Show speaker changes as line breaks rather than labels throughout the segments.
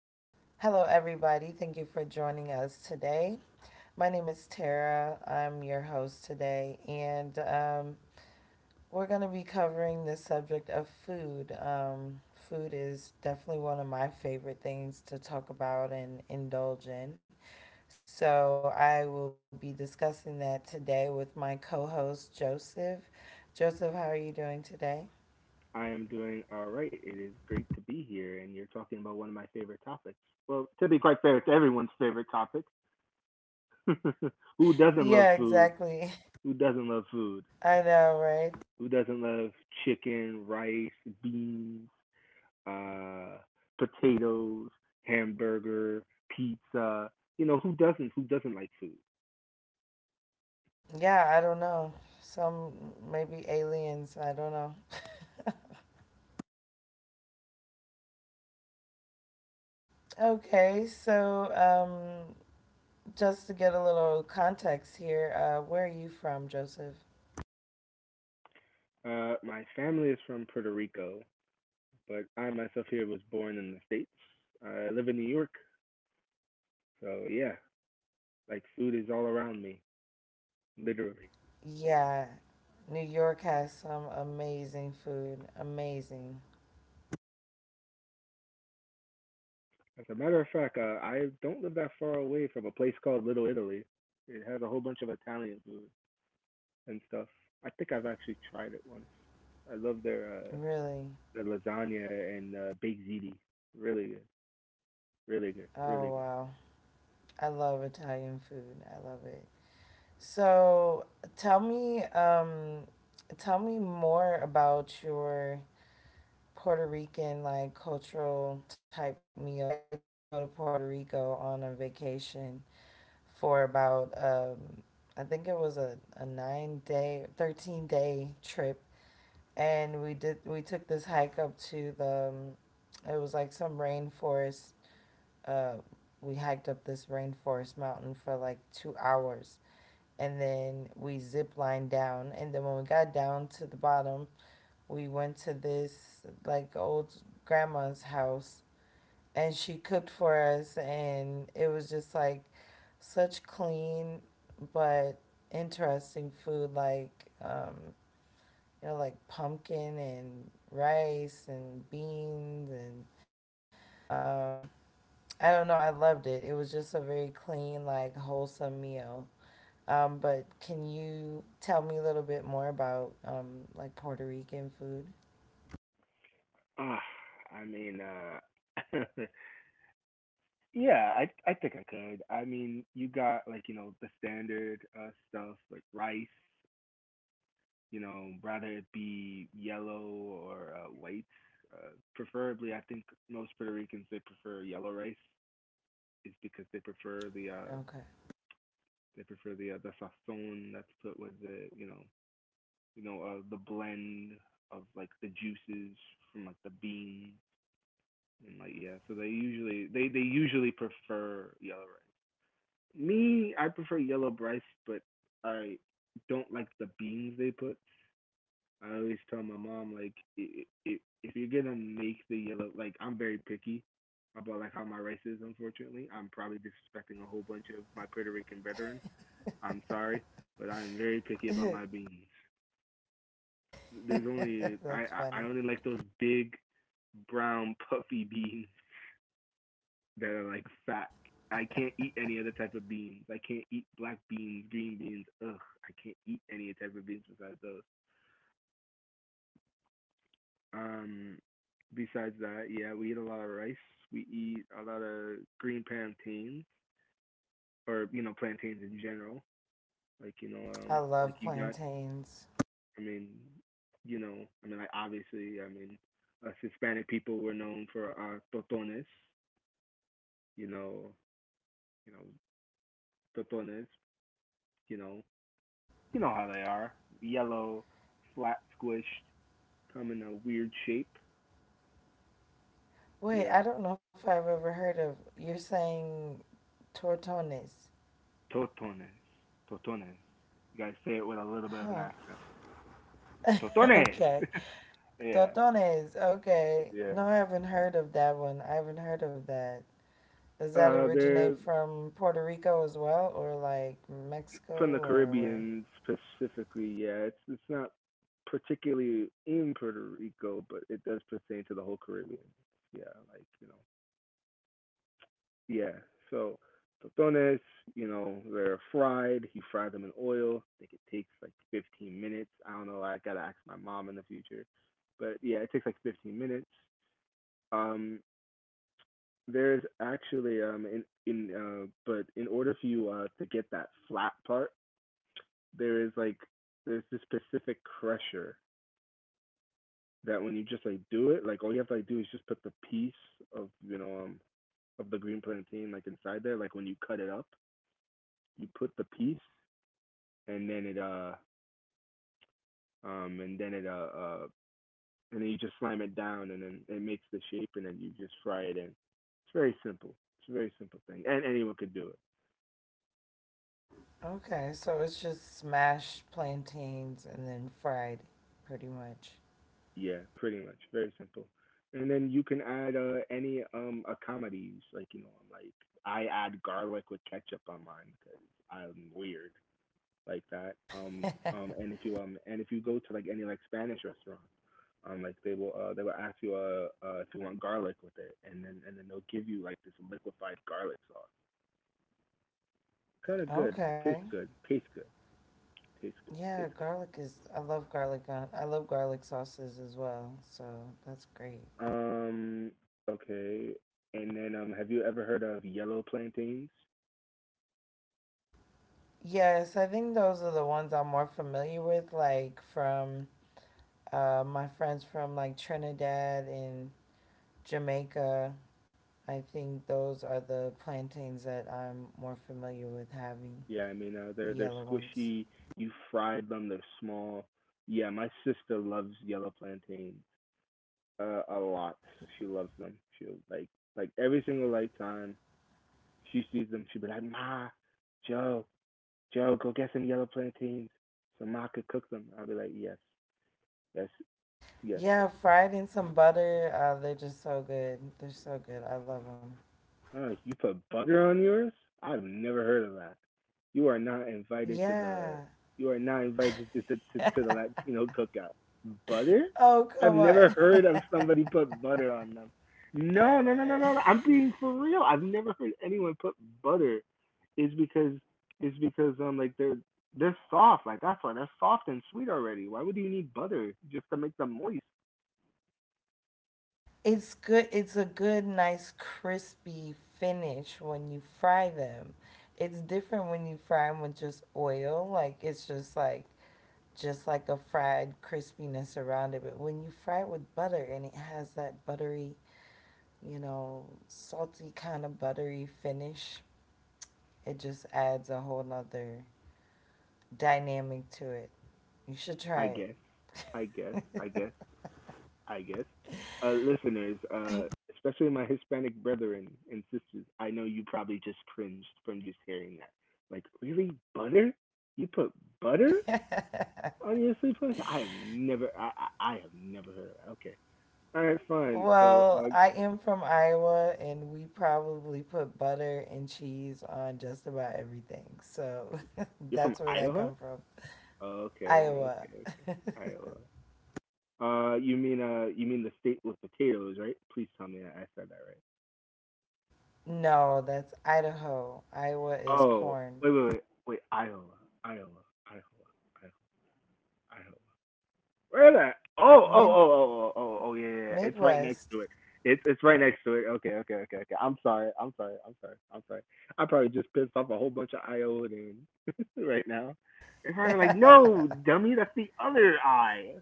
Hello, everybody. Thank you for joining us today. My name is Tara. I'm your host today, and we're going to be covering the subject of food. Food is definitely one of my favorite things to talk about and indulge in. So, I will be discussing that today with my co host, Joseph. Joseph, how are you doing today?
I am doing all right. It is great to be here, and you're talking about one of my favorite topics. Well, to be quite fair, it's everyone's favorite topic. Who doesn't
Yeah,
love food?
exactly.
Who doesn't love food?
I know, right?
Who doesn't love chicken, rice, beans, uh, potatoes, hamburger, pizza? You know, who doesn't? Who doesn't like food?
Yeah, I don't know. Some maybe aliens. I don't know. Okay, so just to get a little context here, where are you from, Joseph?
My family is from Puerto Rico, but I myself here was born in the States. I live in New York, so yeah, like food is all around me. Literally.
Yeah, New York has some amazing food. Amazing.
As a matter of fact, I don't live that far away from a place called Little Italy. It has a whole bunch of Italian food and stuff. I think I've actually tried it once. I love their uh,
Really.
their lasagna and baked ziti. Really good, really good, really good.
Oh, wow. I love Italian food. I love it. So tell me, um, tell me more about your Puerto Rican like cultural type meals. I did go to Puerto Rico on a vacation for about I think it was a 9 day, 13 day trip, and we took this hike up to the it was like some rainforest. Uh, we hiked up this rainforest mountain for like 2 hours, and then we zip lined down, and then when we got down to the bottom, we went to this like old grandma's house and she cooked for us and it was just like such clean but interesting food like you know like pumpkin and rice and beans and um I don't know, I loved it. It was just a very clean, like wholesome meal. But can you tell me a little bit more about like Puerto Rican food?
Ah, I mean, yeah, I think I could. I mean, you got like you know the standard stuff like rice, you know, rather it be yellow or white. Preferably, I think most Puerto Ricans they prefer yellow rice, is because
Okay.
they prefer the sazon that's put with the the blend of like the juices from like the beans and like yeah. So they usually prefer yellow rice. Me, I prefer yellow rice, but I don't like the beans they put. I always tell my mom like if you're gonna make the yellow like I'm very picky about like how my rice is. Unfortunately, I'm probably disrespecting a whole bunch of my Puerto Rican brethren. I'm sorry, but I'm very picky about my beans. There's only
That's
I
funny.
only like those big brown puffy beans that are like fat. I can't eat any other type of beans. I can't eat black beans, green beans. Ugh, I can't eat any type of beans besides those. Um, Besides that, yeah, we eat a lot of rice. We eat a lot of green plantains or you know plantains in general. Like you know,
I
like
love
you got.
plantains.
I mean, you know, I mean, like obviously, I mean, us Hispanic people were known for our totones. You know, you know, totones. You know, you know how they are. Yellow, flat, squished, come in a weird shape. Yeah,
Wait, I don't know if I've ever heard of. You're saying tortones.
totones, totones. You gotta say it with a little bit of an accent. Totones.
Okay.
Yeah,
Tortones. Okay.
yeah,
No, I haven't
yeah.
heard of that one. I haven't heard of that. Does that originate
They're
from Puerto Rico as well, or like Mexico,
from the
or where?
Caribbean specifically. Yeah, it's not particularly in Puerto Rico, but it does pertain to the whole Caribbean. Yeah, like you know. Yeah, so totones, you know, they're fried. He fried them in oil. I think it takes like 15 minutes. I don't know. I gotta ask my mom in the future, but yeah, it takes like 15 minutes. Um, There's actually in but in order for you to get that flat part, there is like there's this specific crusher that when you just like do it, like all you have to like do is just put the piece of you know of the green plantain like inside there. Like when you cut it up, you put the piece and then it uh um and then it uh uh and then you just slam it down and then it makes the shape and then you just fry it in. It's very simple. It's a very simple thing and anyone could do it.
Okay, so it's just smashed plantains and then fried, pretty much.
Yeah, pretty much. Very simple. And then you can add any accomodities. Like you know, I'm like I add garlic with ketchup on mine because I'm weird like that. Um um and if you um and if you go to like any like Spanish restaurant, like they will ask you if you want garlic with it, and then they'll give you like this liquefied garlic sauce. Kind of good.
Okay.
Tastes good. Tastes good. Tastes good.
Yeah,
Tastes
garlic is. I love garlic on. I love garlic sauces as well. So that's great.
good. Okay. And then have you ever heard of yellow plantains?
Yes, I think those are the ones I'm more familiar with, like from my friends from like Trinidad and Jamaica. I think those are the plantains that I'm more familiar with having,
Yeah, I mean,
the
they're
yellow ones.
squishy. You fried them. They're small. Yeah, my sister loves yellow plantain a lot. She loves them. She'll like every single like time she sees them, she'll be like, Ma, Joe, Joe, go get some yellow plantains so Ma could cook them. I'll be like, Yes, yes,
Yeah,
yes.
fried in some butter. They're just so good. They're so good. I love them.
Oh, you put butter on yours? I've never heard of that. You are not invited to the
Yeah.
you are not invited to the Latino cookout. Butter?
Oh,
I've
come
never
on.
heard of somebody put butter on them. No, no, no, no, no, no. I'm being for real. I've never heard anyone put butter. It's because it's because like they're soft. Like that's why they're soft and sweet already. Why would you need butter just to make them moist?
It's good. It's a good, nice, crispy finish when you fry them. It's different when you fry them with just oil. Like it's just like a fried crispiness around it. But when you fry it with butter and it has that buttery, you know, salty kind of buttery finish, it just adds a whole nother dynamic to it. You should
I
try
guess. I guess. I guess. I guess, listeners, especially my Hispanic brethren and sisters, I know you probably just cringed from just hearing that. Like, really, butter? You put butter
it.
on your sleep cleanser? I have never heard of that. Okay, all right, fine. So,
Well, I am from Iowa, and we probably put butter and cheese on just about everything. So
you're from
that's where that
Iowa?
come from.
Okay,
Iowa.
okay, okay, Iowa. You mean the state with potatoes, right? Please tell me I said that right.
No, that's Idaho. Iowa is
Oh,
corn.
wait, wait, wait, wait, Iowa, Iowa, Iowa, Iowa, Iowa. Where that? Oh, oh,
Mid
oh, oh, oh, oh, oh, yeah, yeah, yeah. It's right next
Midwest.
to it. It's right next to it. Okay, okay, okay, okay. I'm sorry. I'm sorry. I'm sorry. I'm sorry. I probably just pissed off a whole bunch of Iodans right now. They're probably like, no, dummy, that's the other eye.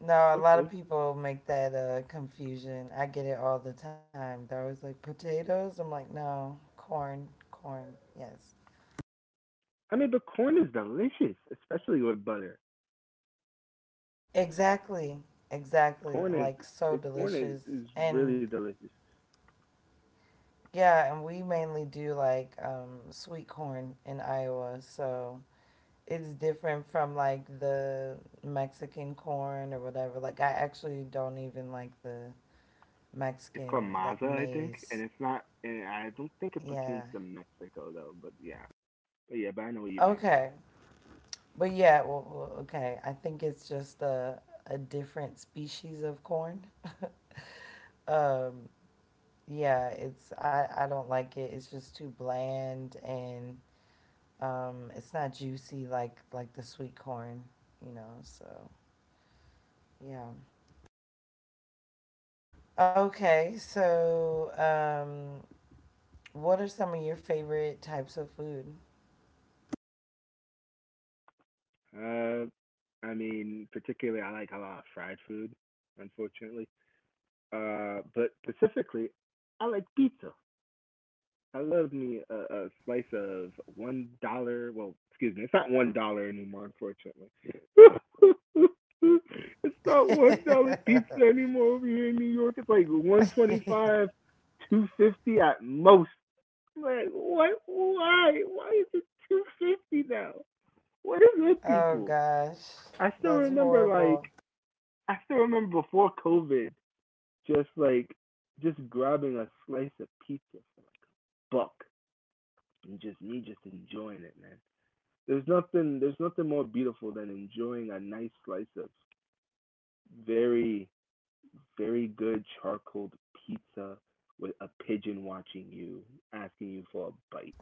No, a lot of
Okay.
people make that confusion. I get it all the time. They're always like potatoes. I'm like, no, corn, corn. Yes.
I mean, but corn is delicious, especially with butter.
Exactly.
Corn is
Exactly. Like
the
so
corn is
delicious.
really
And
delicious.
yeah, and we mainly do like sweet corn in Iowa, so it's different from like the Mexican corn or whatever. Like I actually don't even like the
It's called
Mexican
maza,
like
I think, and
maize.
it's not. And I don't think it pertains
Yeah.
to Mexico though. But I know what you mean.
Okay. But yeah, well, well, okay. I think it's just a different species of corn. Um yeah, it's I don't like it. It's just too bland and it's not juicy like the sweet corn, you know. So yeah. Okay, so what are some of your favorite types of food?
Uh, I mean, particularly, I like a lot of fried food, unfortunately. But specifically, I like pizza. I love me a slice of $1. Well, excuse me, it's not $1 anymore, unfortunately. It's not $1 pizza anymore over here in New York. It's like 1.25, 2.50 at most. I'm like, what? Why? Why is it 2.50 now? What is with
Oh
people?
gosh,
I still
that's
remember like
horrible.
I still remember before COVID, just like just grabbing a slice of pizza for like a buck and just me just enjoying it, man. There's nothing more beautiful than enjoying a nice slice of very very good charcoal pizza with a pigeon watching you, asking you for a bite.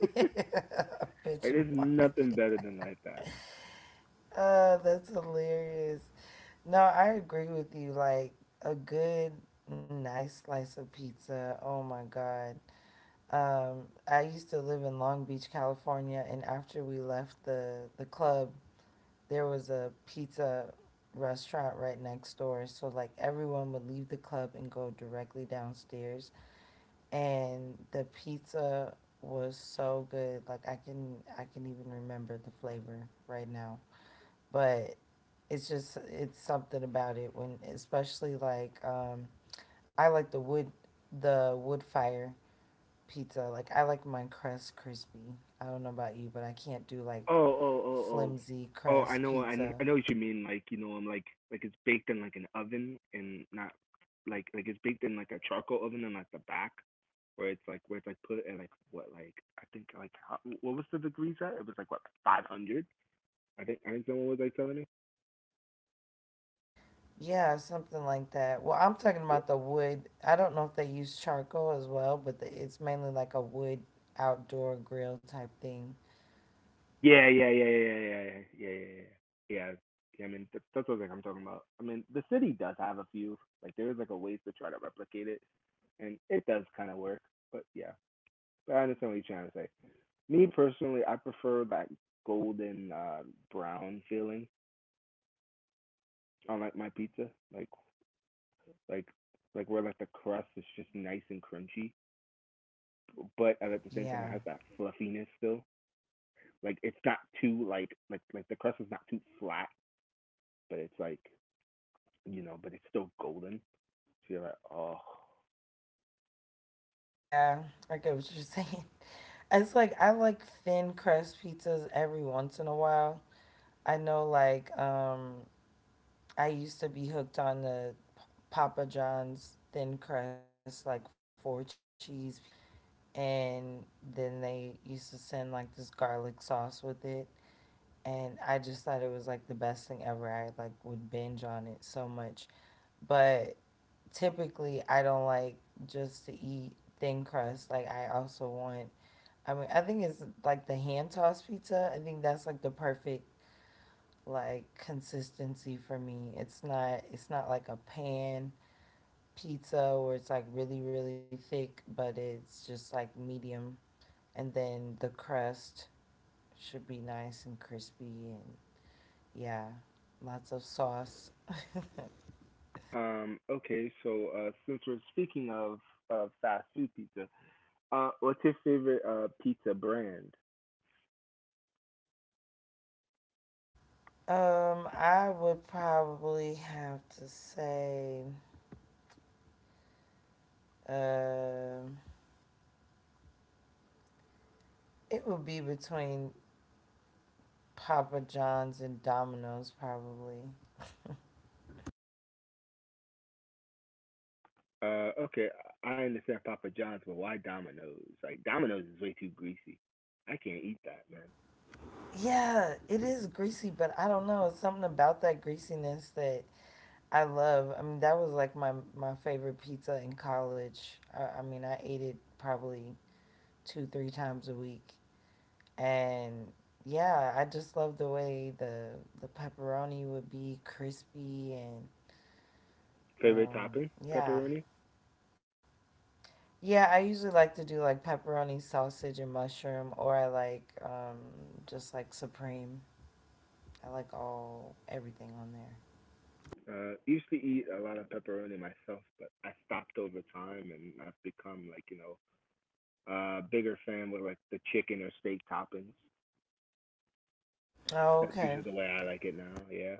Like,
Bitch and
there's nothing
watching.
better than like that.
That's hilarious. No, I agree with you. Like a good, nice slice of pizza. Oh my god. Um, I used to live in Long Beach, California, and after we left the club, there was a pizza restaurant right next door. So like everyone would leave the club and go directly downstairs, and the pizza was so good. Like I can even remember the flavor right now, but it's just it's something about it when especially like I like the wood fire pizza. Like I like my crust crispy. I don't know about you, but I can't do like
Oh, oh, oh, oh.
flimsy
Oh,
crust pizza.
I know what you mean. Like, you know, I'm like, it's baked in like an oven and not like it's baked in like a charcoal oven and like the back where it's like put at like what, like I think like how, what was the degrees at? It was like what, 500? I think someone was like telling me.
Yeah, something like that. Well, I'm talking
Y-
about the wood. I don't know if they use charcoal as well, but the, it's mainly like a wood outdoor grill type thing.
Yeah, yeah, yeah, yeah, yeah, yeah, yeah, yeah, yeah. Yeah, yeah, yeah, I mean, that's what like I'm talking about. I mean, the city does have a few. Like, there is like a ways to try to replicate it, and it does kind of work. But yeah. But I understand what you're trying to say. Me personally, I prefer that golden brown feeling on like my pizza, like like where like the crust is just nice and crunchy, but at the same time
Yeah.
it has that fluffiness still. Like it's not too the crust is not too flat, but it's like you know, but it's still golden. So you're like, oh.
Yeah, I get what you're saying. It's like I like thin crust pizzas every once in a while. I know like I used to be hooked on the Papa John's thin crust, like four cheese pizza. And then they used to send like this garlic sauce with it. And I just thought it was like the best thing ever. I like would binge on it so much. But typically, I don't like just to eat thin crust. Like, I also want, I mean, I think it's like the hand tossed pizza. I think that's like the perfect like consistency for me. It's not like a pan pizza where it's like really, really thick, but it's just like medium. And then the crust should be nice and crispy and yeah, lots of sauce.
Okay. So since we're speaking of fast food pizza, what's your favorite pizza brand?
I would probably have to say um it would be between Papa John's and Domino's probably.
Okay, I understand Papa John's, but why Domino's? Like Domino's is way too greasy. I can't eat that, man.
Yeah, it is greasy, but I don't know. It's something about that greasiness that I love. I mean, that was like my favorite pizza in college. I mean, I ate it probably 2 3 times a week, and yeah, I just love the way the pepperoni would be crispy and
Favorite topping? Pepperoni.
yeah, yeah. I usually like to do like pepperoni, sausage, and mushroom, or I like just like supreme. I like all everything on there.
Used to eat a lot of pepperoni myself, but I stopped over time, and I've become like you know a bigger fan with like the chicken or steak toppings.
Oh,
That's
okay.
usually the way I like it now. Yeah.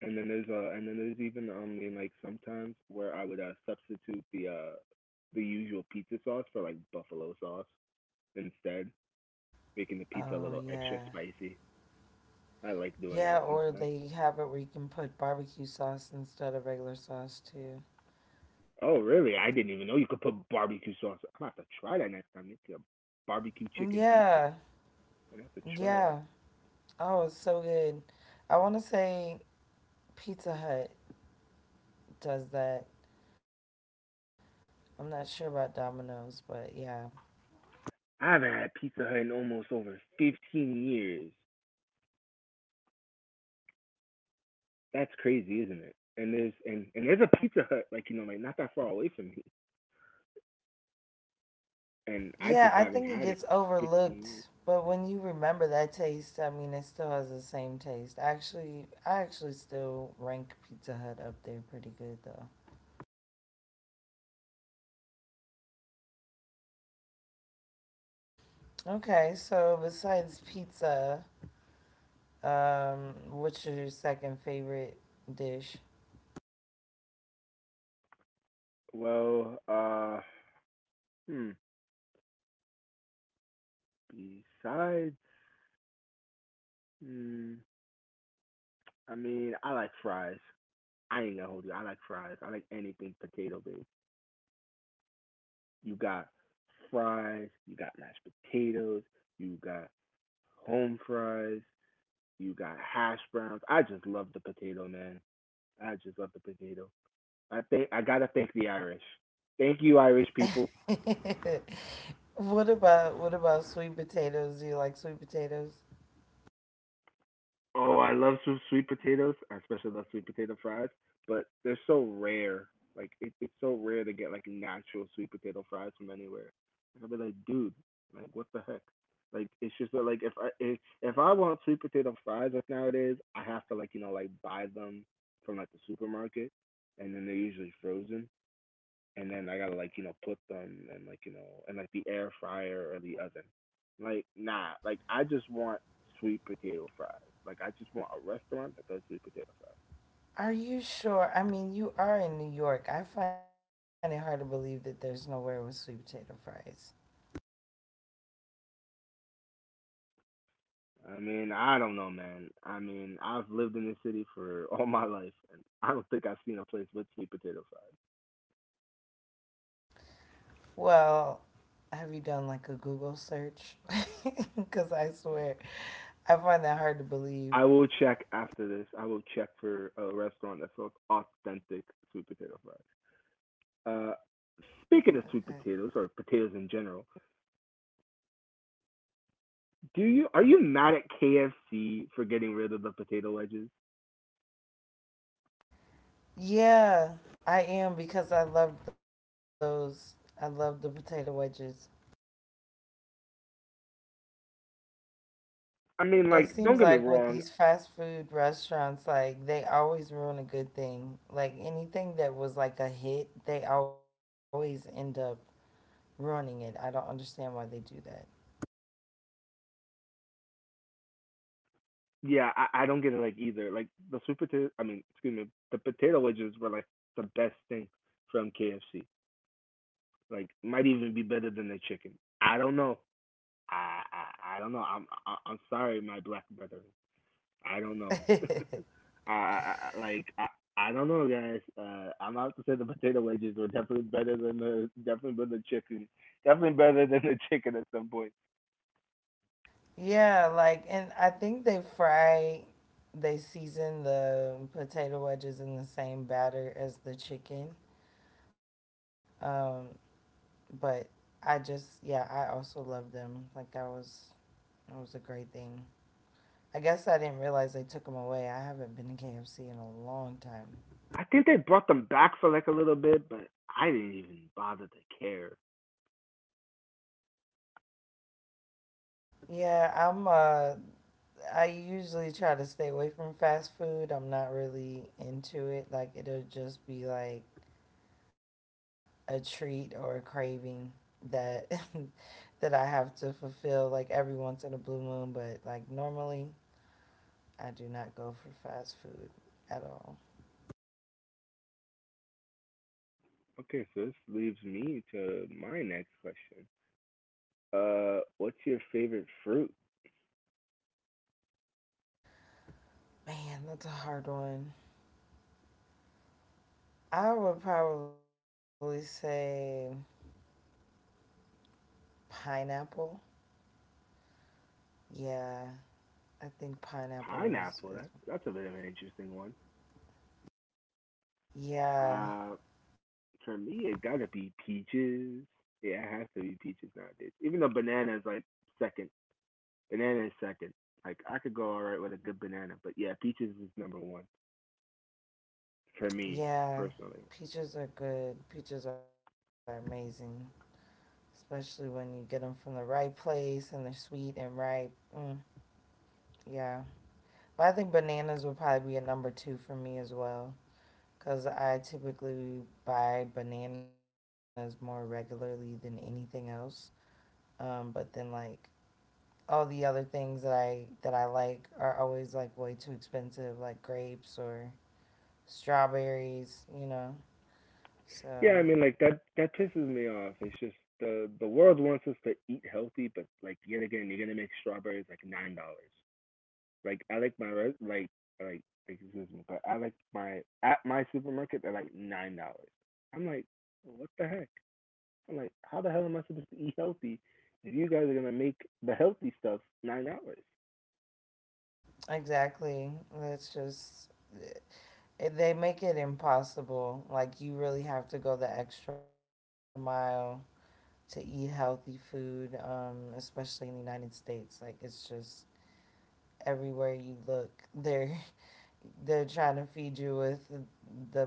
And then there's even like sometimes where I would substitute the usual pizza sauce for like buffalo sauce instead. Making the pizza a
Oh
little
yeah.
extra spicy. I like doing
Yeah,
that
or
sometimes.
they have it where you can put barbecue sauce instead of regular sauce too.
Oh, really? I didn't even know you could put barbecue sauce. I'm gonna have to try that next time. Make a barbecue chicken pizza.
Yeah,
I'm gonna have to try that.
yeah. Oh, it's so good. I want to say Pizza Hut does that. I'm not sure about Domino's, but yeah.
I haven't had Pizza Hut in almost over 15 years. That's crazy, isn't it? And there's a Pizza Hut like not that far away from me, and I
Yeah,
just
I
haven't
think it
had it
gets
in 15 years.
overlooked, but when you remember that taste, I mean, it still has the same taste. Actually, I actually still rank Pizza Hut up there pretty good though. Okay, so besides pizza, what's your second favorite dish?
Well, hmm. Besides, hmm, I mean, I like fries. I ain't gonna hold you. I like fries. I like anything potato based. You got fries, you got mashed potatoes, you got home fries, you got hash browns. I just love the potato, man. I just love the potato. I think I gotta thank the Irish. Thank you, Irish people.
What about sweet potatoes? Do you like sweet potatoes?
Oh, I love sweet potatoes. I especially love sweet potato fries, but they're so rare. It's so rare to get like natural sweet potato fries from anywhere. And I'll be like, dude, like what the heck? Like it's just that, like if I want sweet potato fries like nowadays, I have to like like buy them from like the supermarket, and then they're usually frozen and then I gotta like put them and like and like the air fryer or the oven. Like nah, like I just want sweet potato fries. Like I just want a restaurant that does sweet potato fries.
Are you sure? I mean, you are in New York. I find it hard to believe that there's nowhere with sweet potato fries.
I mean I don't know, man. I mean I've lived in this city for all my life and I don't think I've seen a place with sweet potato fries.
Well, have you done like a Google search? Because I swear, I find that hard to believe.
I will check after this. I will check for a restaurant that sells authentic sweet potato fries. Uh, Speaking of sweet potatoes or potatoes in general, Do you are you mad at KFC for getting rid of the potato wedges?
Yeah, I am because I love those. I love the potato wedges.
I mean,
And it
like, don't
seems
get me
like with
wrong.
these fast food restaurants, like they always ruin a good thing. Like anything that was like a hit, they always end up ruining it. I don't understand why they do that.
Yeah, I don't get it like either. Like the sweet potato. I mean, excuse me, the potato wedges were like the best thing from KFC. Like, might even be better than the chicken. I don't know. I don't know. I'm sorry, my black brother. I don't know. I, I I- like I, I don't know, guys. I'm about to say the potato wedges were definitely better than the chicken. Definitely better than the chicken at some point.
Yeah, like, and I think they fry, they season the potato wedges in the same batter as the chicken. Um, but I just, yeah, I also love them. Like that was a great thing. I guess I didn't realize they took them away. I haven't been to KFC in a long time.
I think they brought them back for like a little bit, but I didn't even bother to care.
Yeah, I'm I usually try to stay away from fast food. I'm not really into it. Like it'll just be like a treat or a craving that that I have to fulfill like every once in a blue moon, but like normally I do not go for fast food at all.
Okay, so this leaves me to my next question. What's your favorite fruit?
Man, that's a hard one. I would probably say pineapple. Yeah, I think pineapple
Pineapple.
is
That's a bit of an interesting one.
yeah,
Uh, for me, it gotta be peaches. Yeah, it has to be peaches nowadays. Even though banana is like second. Banana is second. Like I could go all right with a good banana, but yeah, peaches is number one for me
yeah.
personally.
Peaches are good. Peaches are amazing, especially when you get them from the right place and they're sweet and ripe. Mm, yeah, but I think bananas would probably be a number two for me as well, cause I typically buy bananas more regularly than anything else. But then like all the other things that I like are always like way too expensive, like grapes or strawberries, you know.
Yeah,
So,
I mean, like that that pisses me off. It's just the world wants us to eat healthy, but like yet again, you're gonna make strawberries like $9. Like I like my res- like excuse me, but I like my at my supermarket they're like $9. I'm like, "Well, what the heck? I'm like, how the hell am I supposed to eat healthy if you guys are gonna make the healthy stuff $9?
exactly. That's just, it, they make it impossible. Like, you really have to go the extra mile to eat healthy food, especially in the United States. Like, it's just everywhere you look, they're, they're trying to feed you with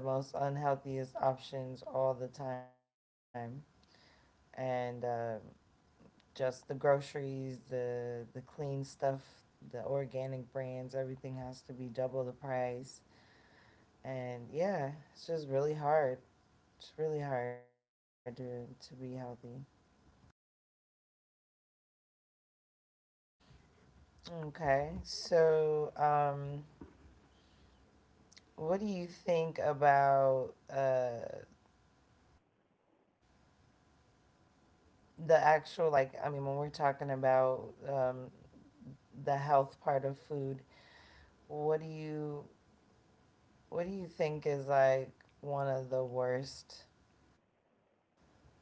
the most unhealthiest options all the time. And, just the groceries, the clean stuff, the organic brands, everything has to be double the price. And yeah, it's just really hard. It's really hard to be healthy. Okay. So, what do you think about the actual like I mean when we're talking about the health part of food, what do you what do you think is like one of the worst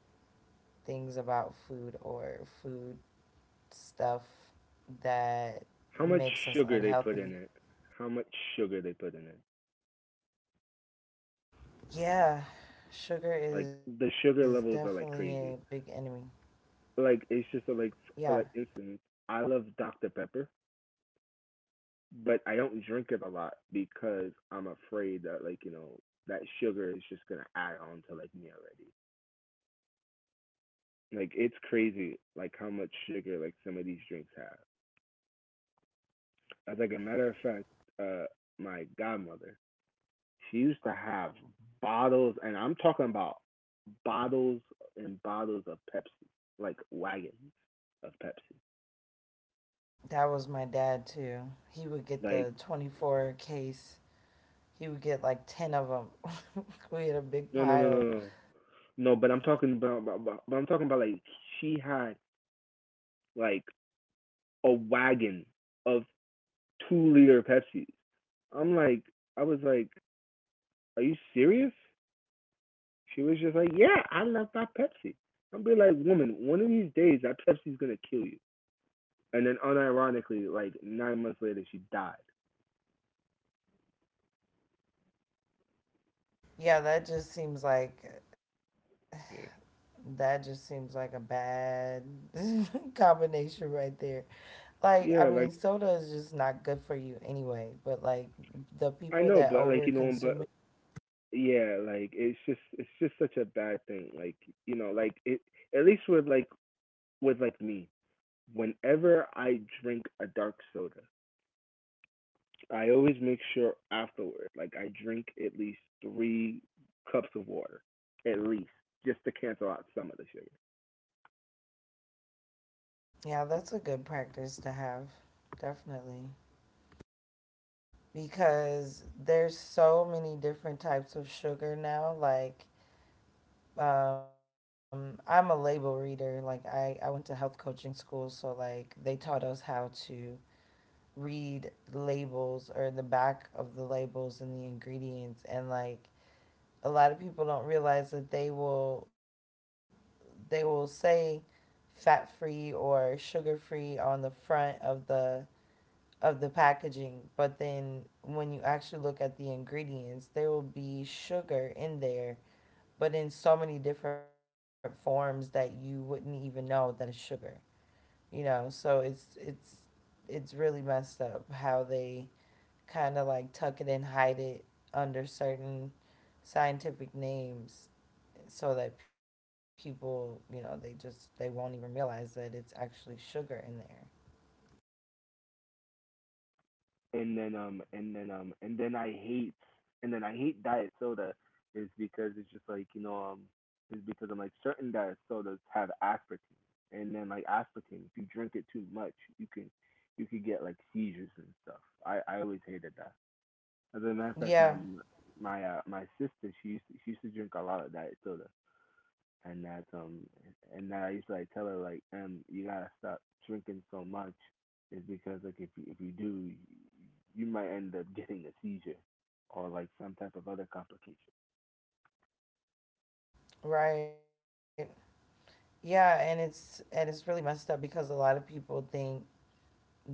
things about food or food stuff that
How much
makes us
sugar they put
unhealthy?
in it? How much sugar they put in it?
Yeah, sugar
Like
is
the sugar
definitely a
levels are like
big enemy.
crazy. Like it's just a,
Yeah,
like For like instance, I love Dr Pepper, but I don't drink it a lot because I'm afraid that like that sugar is just gonna add on to like me already. Like it's crazy like how much sugar like some of these drinks have. As like a matter of fact, uh, my godmother she used to have bottles, and I'm talking about bottles and bottles of Pepsi, like wagons of Pepsi.
that was my dad too. He would get
Like
the 24 case, he would get like 10 of them. We had a big
no no no no
pile.
no no. No, but I'm talking about- but I'm talking about like she had like a wagon of 2 liter Pepsis. I'm like, I was like, are you serious? She was just like, yeah, I love my Pepsi. I'm be like, woman, one of these days that Pepsi's gonna kill you. And then unironically, like 9 months later, she died.
Yeah, that just seems like...
Yeah,
that just seems like a bad combination right there. Like, I
yeah,
mean,
like
soda is just not good for you anyway, but like
I
the
know, but
people
like,
that
but
over consume it.
yeah, like it's just such a bad thing. Like, like it at least with like me, whenever I drink a dark soda, I always make sure afterward, like I drink at least 3 cups of water, at least, just to cancel out some of the sugar.
Yeah, that's a good practice to have. Definitely. Because there's so many different types of sugar now, like I'm a label reader. Like I went to health coaching school, so like they taught us how to read labels or the back of the labels and the ingredients, and like a lot of people don't realize that they will say fat free or sugar free on the front of the packaging, but then when you actually look at the ingredients, there will be sugar in there, but in so many different forms that you wouldn't even know that it's sugar. You know, so it's really messed up how they kind of like tuck it and hide it under certain scientific names so that people, you know, they just they won't even realize that it's actually sugar in there.
And then and then and then I hate and then I hate diet soda is because it's just like is because I'm like certain diet sodas have aspartame, and then like aspartame, if you drink it too much, you can you could get like seizures and stuff. I always hated that. As a matter of fact, my
Yeah,
my uh, my sister she used to drink a lot of diet soda, and that um and that I used to like tell her like you gotta stop drinking so much, is because like if you do, you might end up getting a seizure, or like some type of other complication.
right. Yeah, and it's really messed up because a lot of people think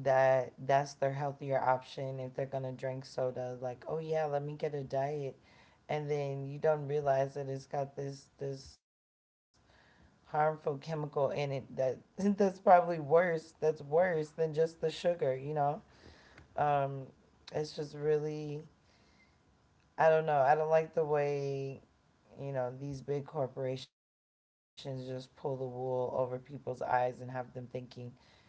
that that's their healthier option if they're gonna drink soda. Like, oh yeah, let me get a diet, and then you don't realize that it's got this harmful chemical in it that that's probably worse. That's worse than just the sugar. You know, um, it's just really... I don't know. I don't like the way, you know, these big corporations just pull the wool over people's eyes and have them thinking,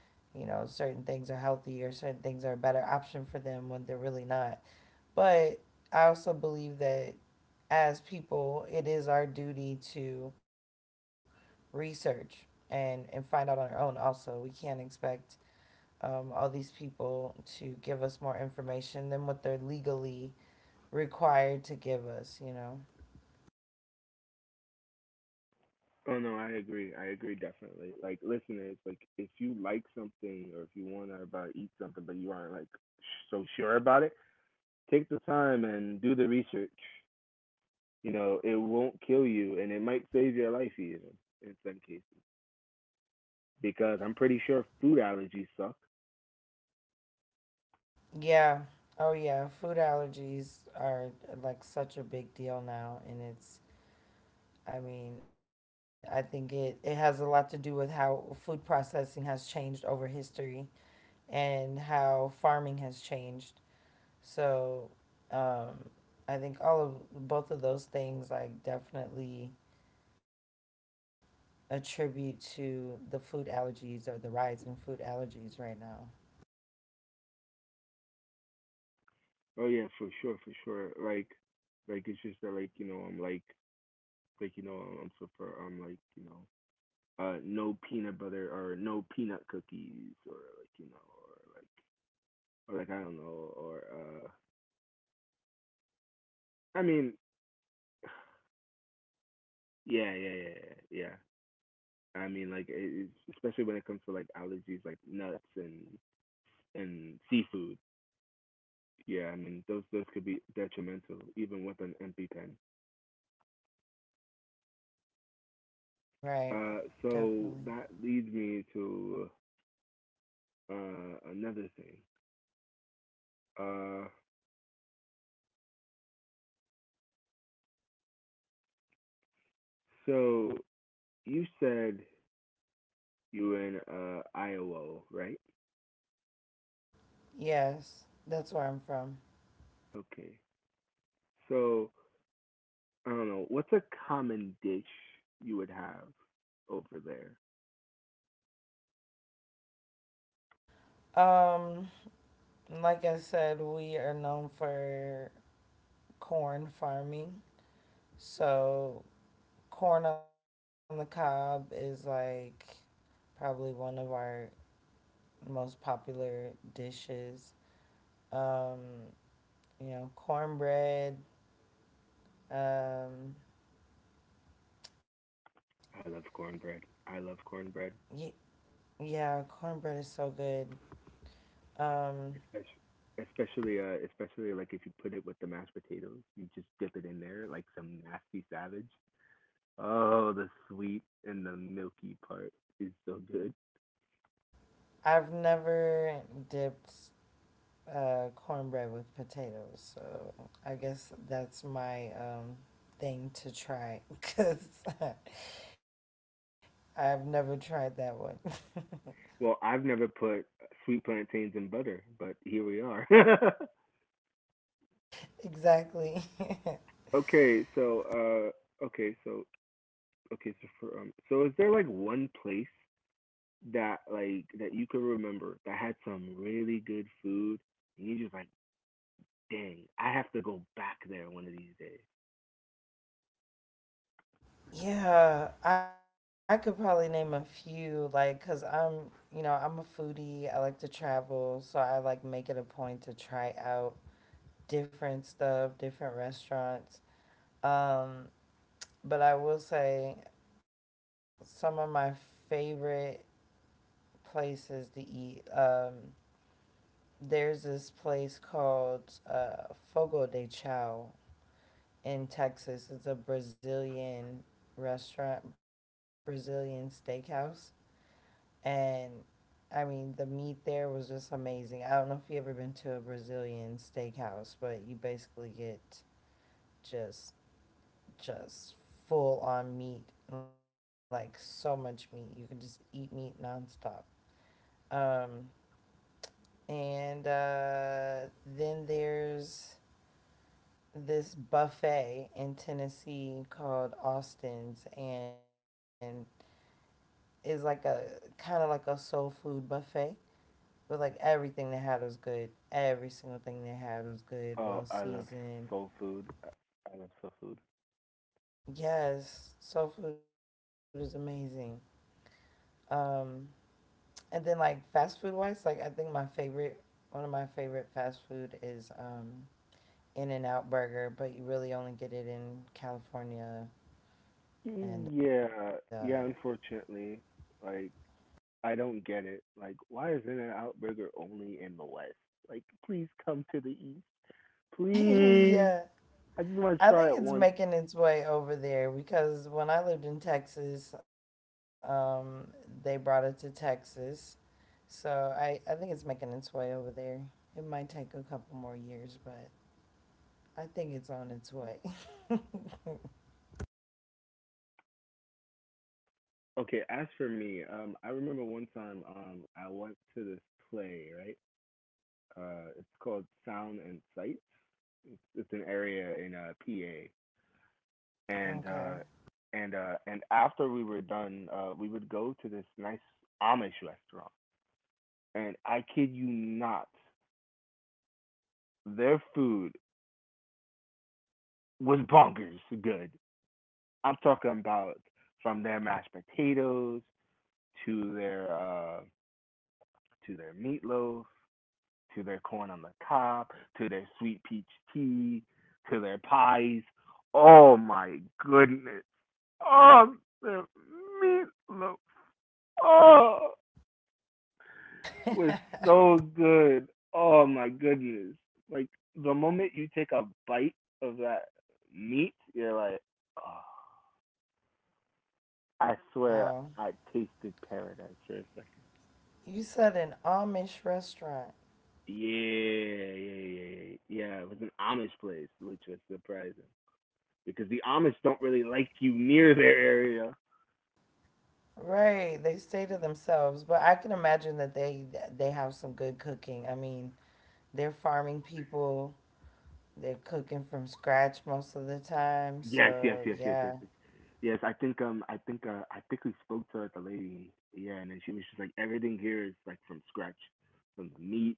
you know, certain things are healthy or certain things are a better option for them when they're really not. But I also believe that as people, it is our duty to research and find out on our own also. We can't expect all these people to give us more information than what they're legally required to give us, you know?
Oh no, I agree. I agree definitely. Like listeners, like if you like something or if you want to about eat something but you aren't like so sure about it, take the time and do the research. You know, it won't kill you and it might save your life even in some cases because I'm pretty sure food allergies suck.
Yeah. Oh yeah, food allergies are like such a big deal now, and it's... I mean, I think it it has a lot to do with how food processing has changed over history and how farming has changed. So, um I think all of both of those things like definitely attribute to the food allergies or the rise in food allergies right now.
Oh yeah, for sure, for sure. Like it's just that like you know I'm like you know I'm so for I'm like you know No peanut butter or no peanut cookies or like or like or like I don't know or I mean yeah yeah yeah yeah. I mean like especially when it comes to like allergies like nuts and seafood. Yeah, I mean those could be detrimental even with an MP10.
Right.
So
Definitely.
that leads me to another thing. Uh, so you said you were in Iowa, right?
Yes. That's where I'm from.
Okay. So I don't know. What's a common dish you would have over there?
Um, like I said, we are known for corn farming. So, corn on the cob is like probably one of our most popular dishes. Um, you know, cornbread. Um,
I love cornbread. I love cornbread,
y- yeah, cornbread is so good. Um,
especially especially like if you put it with the mashed potatoes, you just dip it in there like some nasty savage. Oh, the sweet and the milky part is so good.
I've never dipped cornbread with potatoes. So I guess that's my thing to try, because I've never tried that one.
Well, I've never put sweet plantains in butter, but here we are.
Exactly.
okay, so uh, okay, so okay, so for is there like one place that like that you can remember that had some really good food, and you're just like, dang, I have to go back there one of these days.
Yeah, I could probably name a few, like, because I'm, you know, I'm a foodie. I like to travel, so I like make it a point to try out different stuff, different restaurants. Um, but I will say some of my favorite places to eat. There's this place called Fogo de Chao in Texas. It's a Brazilian restaurant, Brazilian steakhouse. And I mean, the meat there was just amazing. I don't know if you ever been to a Brazilian steakhouse, but you basically get just just full on meat, like so much meat. You can just eat meat nonstop. Um, And Then there's this buffet in Tennessee called Austin's, and is like a kind of like a soul food buffet, but like everything they had was good. Every single thing they had was good,
Oh,
well
I love
seasoned.
soul food. I love soul
Yes, soul food is amazing. Um, and then like fast food wise, like I think my favorite, one of my favorite fast food is In and Out Burger, but you really only get it in California. And
food. Yeah, yeah. Unfortunately, like I don't get it. Like, why is In n Out Burger only in the West? Like, please come to the East. Please.
Yeah,
I just want to
I
try
think
it
it's
once.
making its way over there, because when I lived in Texas, they brought it to Texas. So I think it's making its way over there. It might take a couple more years, but I think it's on its way.
Okay, as for me, I remember one time I went to this play, right? Uh, it's called Sound and Sight. It's an area in PA. And uh
Okay.
and after we were done, we would go to this nice Amish restaurant. And I kid you not, their food was bonkers good. I'm talking about from their mashed potatoes to their uh to their meatloaf to their corn on the cob to their sweet peach tea to their pies. Oh my goodness! Oh, their meatloaf. Oh, was so good. Oh my goodness! Like the moment you take a bite of that meat, you're like, oh, I swear
Wow.
I tasted paradise for a second.
You said an Amish restaurant.
Yeah, yeah, yeah, yeah. It was an Amish place, which was surprising because the Amish don't really like you near their area.
Right, they stay to themselves, but I can imagine that they have some good cooking. I mean, they're farming people. They're cooking from scratch most of the time.
Yes, yes,
So,
yes, yes, yes,
yeah.
yes. Yes, I think I think I think we spoke to like a lady. Yeah, and then she was just like, everything here is like from scratch, from the meat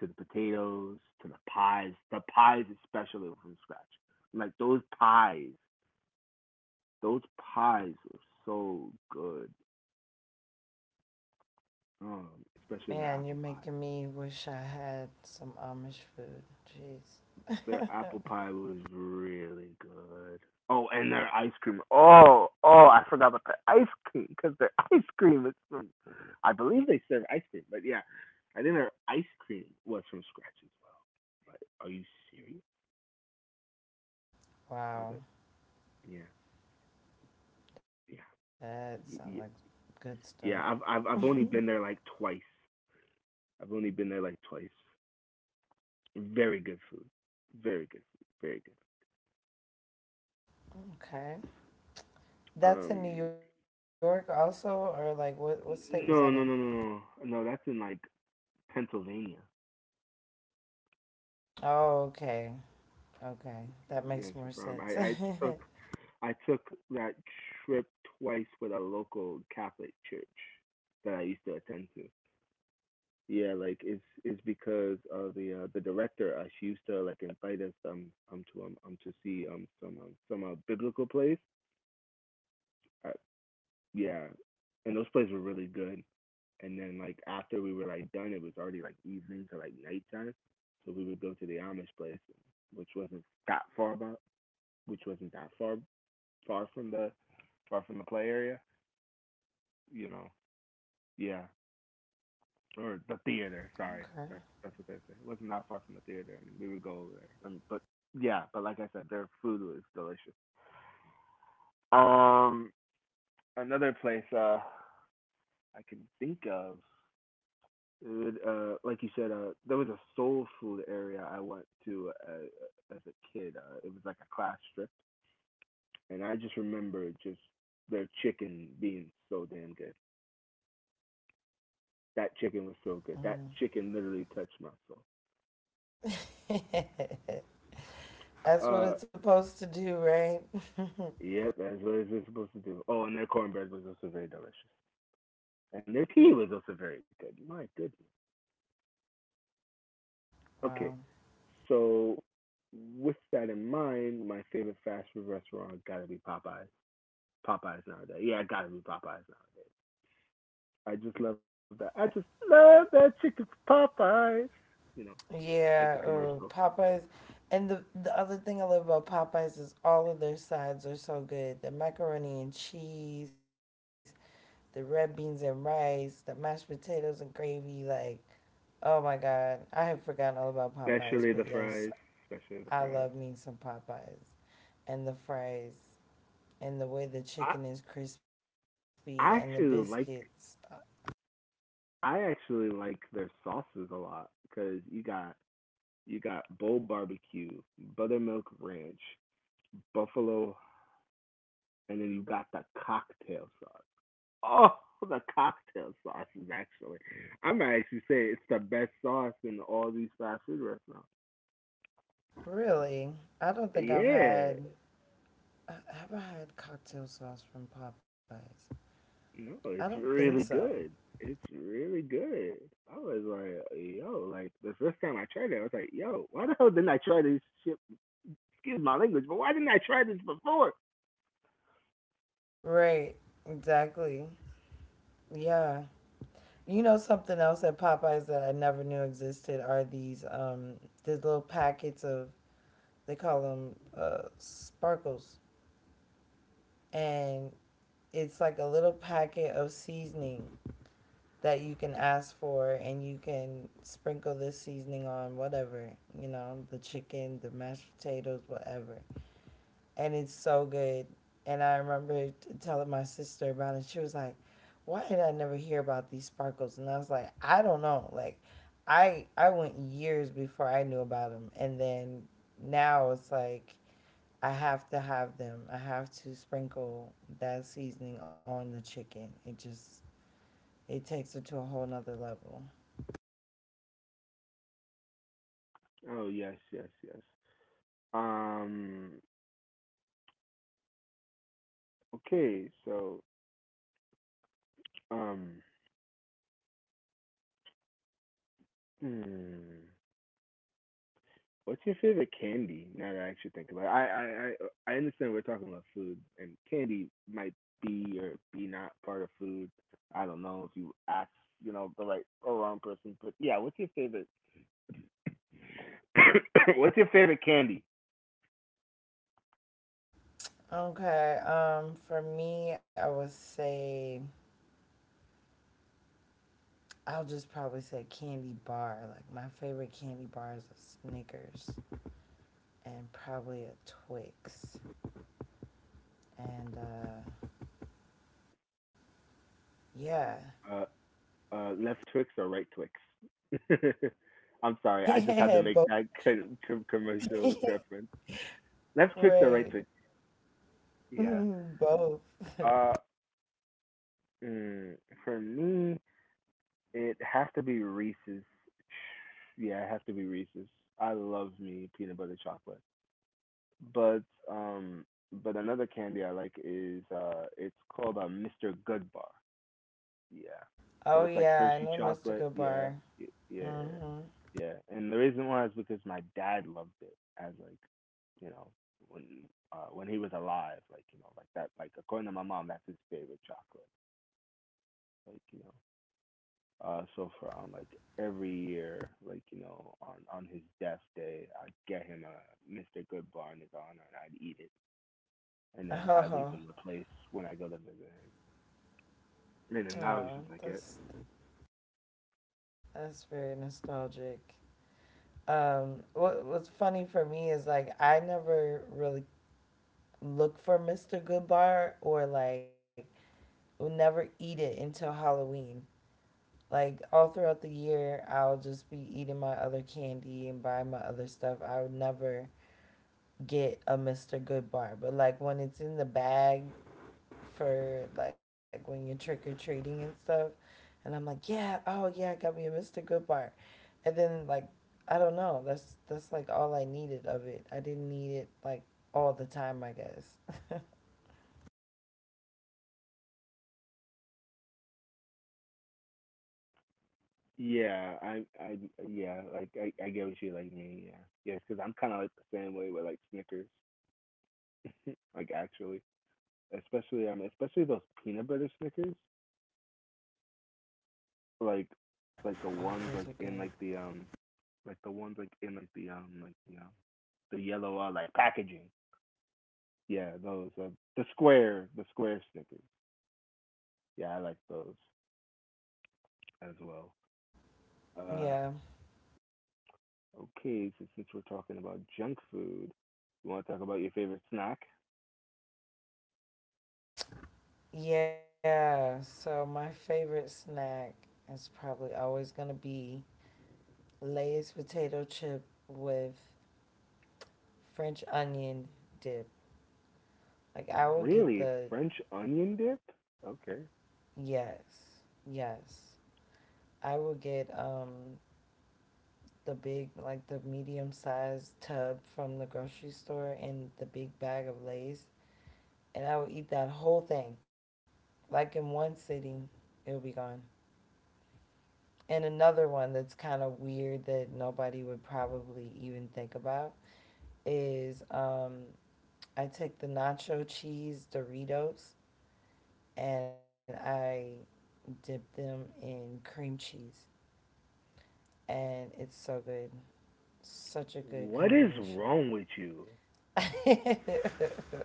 to the potatoes to the pies. The pies especially were from scratch. Like those pies were so good. Um, Especially their
Man, you're
apple pie.
making me wish I had some Amish food. Jeez.
Their apple pie was really good. Oh, and their ice cream. Oh, I forgot about the ice cream because their ice cream is from. I believe they serve ice cream, but yeah, I think their ice cream was from scratch as well. Like, are you serious? I was
Wow,
like, yeah,
that sounds like
yeah, yeah,
good stuff.
yeah. I've
Okay.
I've I've only been there like twice. I've only been there like twice. Very good food. Very good food. Very good.
That's in New
Um,
York also, or like what state was that in?
no. No, that's in like Pennsylvania.
Oh, okay. Okay. That makes
Yes,
more
from
sense.
I took I took that trip twice with a local Catholic church that I used to attend to. Yeah, like it's because of the director. She used to like invite us to see some biblical place. Uh, yeah, and those plays were really good. And then like after we were like done, it was already like evening to like nighttime, so we would go to the Amish place, which wasn't that far about, which wasn't that far from the far from the play area, you know, yeah, or the theater. Sorry, that's what they say. It was not far from the theater, and we would go over there. And but yeah, but like I said, their food was delicious. Um, Another place I can think of. Would, like you said, there was a soul food area I went to as a kid. It was like a class trip, and I just remember just their chicken being so damn good. That chicken was so good.
Okay.
That chicken literally touched my soul.
Mm. That's what
Uh,
it's supposed to do, right?
Yep, that's what it's been supposed to do. Oh, and their cornbread was also very delicious. And their tea was also very good. My goodness. Okay.
Wow.
So with that in mind, my favorite fast food restaurant gotta be Popeyes. Popeyes nowadays. Yeah, it gotta be Popeyes nowadays. I just love that. I just love that chicken from Popeyes. You know, at the
Yeah,
commercial.
Popeyes. And the other thing I love about Popeyes is all of their sides are so good. The macaroni and cheese, the red beans and rice, the mashed potatoes and gravy. Like, oh my God. I had forgotten all about Popeyes,
Especially
but
the
yes,
fries. Especially the
I
fries.
love me some Popeyes. And the fries, and the way the
I
chicken is crispy, and the
I actually
biscuits.
like I actually like their sauces a lot because you got Bo Barbecue, Buttermilk Ranch, Buffalo, and then you got the cocktail sauce. Oh, the cocktail sauce is actually, I might actually say it's the best sauce in all these fast food restaurants.
Really? I don't think I've
Yeah,
had... Uh, have I had cocktail sauce from Popeyes?
no,
I
it's
don't think
really
so.
good. It's really good. I was like, yo, like the first time I tried it, I was like, yo, why the hell didn't I try this shit? Excuse my language, but why didn't I try this before?
Right. Exactly. Yeah. You know something else at Popeyes that I never knew existed are these little packets of... they call them sparkles, and it's like a little packet of seasoning that you can ask for, and you can sprinkle this seasoning on whatever, you know, the chicken, the mashed potatoes, whatever. And it's so good. And I remember telling my sister about it. She was like, "Why did I never hear about these sparkles?" And I was like, "I don't know. Like, I went years before I knew about them, and then now it's like I have to have them. I have to sprinkle that seasoning on the chicken. It just... it takes it to a whole nother level."
Oh yes, yes, yes. Um, Okay, so um, hmm, what's your favorite candy? Now that I actually think about it, I understand we're talking about food, and candy might be or be not part of food. I don't know if you ask, you know, the right or wrong person, but yeah, what's your favorite? what's your favorite candy?
Okay. For me, I would say I'll just probably say candy bar. Like my favorite candy bars are Snickers and probably a Twix. And Yeah.
Uh, left Twix or right Twix? I'm sorry, I just had to make
Both,
that commercial reference. Left Twix or right
right.
Twix? Yeah.
Both.
Uh, mm, for me, it has to be Reese's. Yeah, it has to be Reese's. I love me peanut butter chocolate. But um but another candy I like is it's called a Mr. Good Bar. Yeah. So
Oh
it's like
yeah, I
Hershey
know
chocolate.
Mystical
Yeah.
Bar.
Yeah.
Mhm.
Yeah. And the reason why is because my dad loved it as like, you know, when when he was alive, like, you know, like that like according to my mom, that's his favorite chocolate. Like, you know, so for like every year, like you know, on his death day, I'd get him a Mr. Goodbar in his honor, and I'd eat it, and then I leave
Oh.
him the place when I go to visit him. And then
Oh,
now was just like it.
that's very nostalgic. What what's funny for me is like I never really look for Mr. Goodbar or like will never eat it until Halloween. Like all throughout the year, I'll just be eating my other candy and buying my other stuff. I would never get a Mr. Good bar, but like when it's in the bag, for like when you're trick or treating and stuff, and I'm like, yeah, oh yeah, I got me a Mr. Good bar, and then like, I don't know. That's like all I needed of it. I didn't need it like all the time, I guess. Oh,
Yeah, I I yeah, like I get what you like me. Yeah, yes, because I'm kind of like the same way with like Snickers, like actually, especially those peanut butter Snickers, like like the ones like
those are
in
good.
like the ones like in like the like you know the yellow like packaging. Yeah, those the square stickers. Yeah, I like those as well. Uh,
Yeah.
okay, so since we're talking about junk food, you want to talk about your favorite snack?
Yeah, so my favorite snack is probably always going to be Lay's potato chip with French onion dip. Like I will get
Really,
the...
French onion dip? Okay.
Yes. Yes. I will get the big... like the medium sized tub from the grocery store and the big bag of Lay's, and I will eat that whole thing. Like in one sitting, it'll be gone. And another one that's kind of weird that nobody would probably even think about is I take the nacho cheese Doritos and I dip them in cream cheese. And it's so good. Such a good
What is
combination.
wrong with you?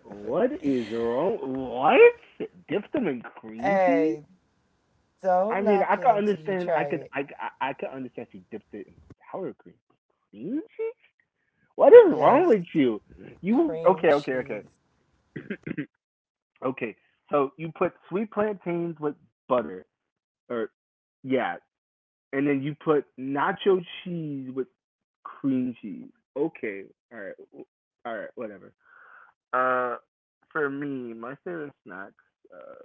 What is wrong? What? Dip them in
Hey,
cream cheese?
don't knock
I
it
mean, I
until
could
you try
understand.
it.
I could. I could understand if you dipped it in sour cream. But cream cheese? What is wrong
Yes,
with you? You
cream
okay? Okay, okay,
cheese.
okay. So you put sweet plantains with butter, or yeah, and then you put nacho cheese with cream cheese. Okay, all right, all right, whatever. Uh, for me, my favorite snacks. Uh,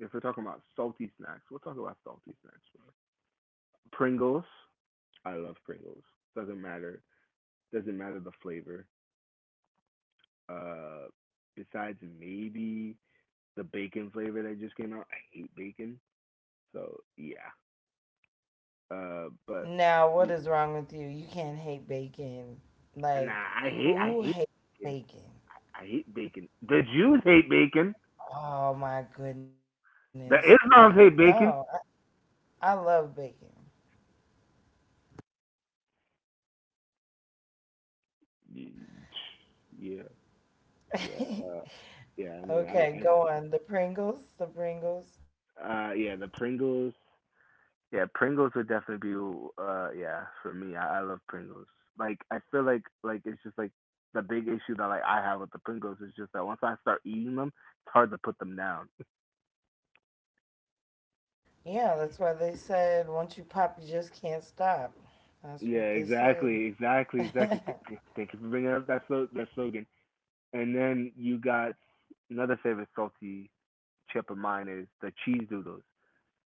if we're talking about salty snacks, we'll talk about salty snacks. Pringles. I love Pringles. Doesn't matter. Doesn't matter the flavor. Uh, Besides maybe the bacon flavor that just came out. I hate bacon, so yeah. Uh, but
Now, what is wrong with you? You can't hate bacon.
nah,
Like,
I hate I
who
hate
hates
bacon.
bacon?
I hate bacon. The Jews hate bacon.
Oh my goodness.
The
No,
Islam's hate bacon.
I love bacon.
Yeah, yeah, uh, yeah.
Okay, go on. The Pringles, the Pringles.
Yeah, the Pringles. Yeah, Pringles would definitely be, yeah, for me. I love Pringles. Like, I feel like it's just like the big issue that like I have with the Pringles is just that once I start eating them, it's hard to put them down.
Yeah, that's why they said once you pop, you just can't stop. That's
Yeah,
what they said.
exactly, exactly, exactly. Thank you for bringing up that that slogan. And then you got another favorite salty chip of mine is the cheese doodles,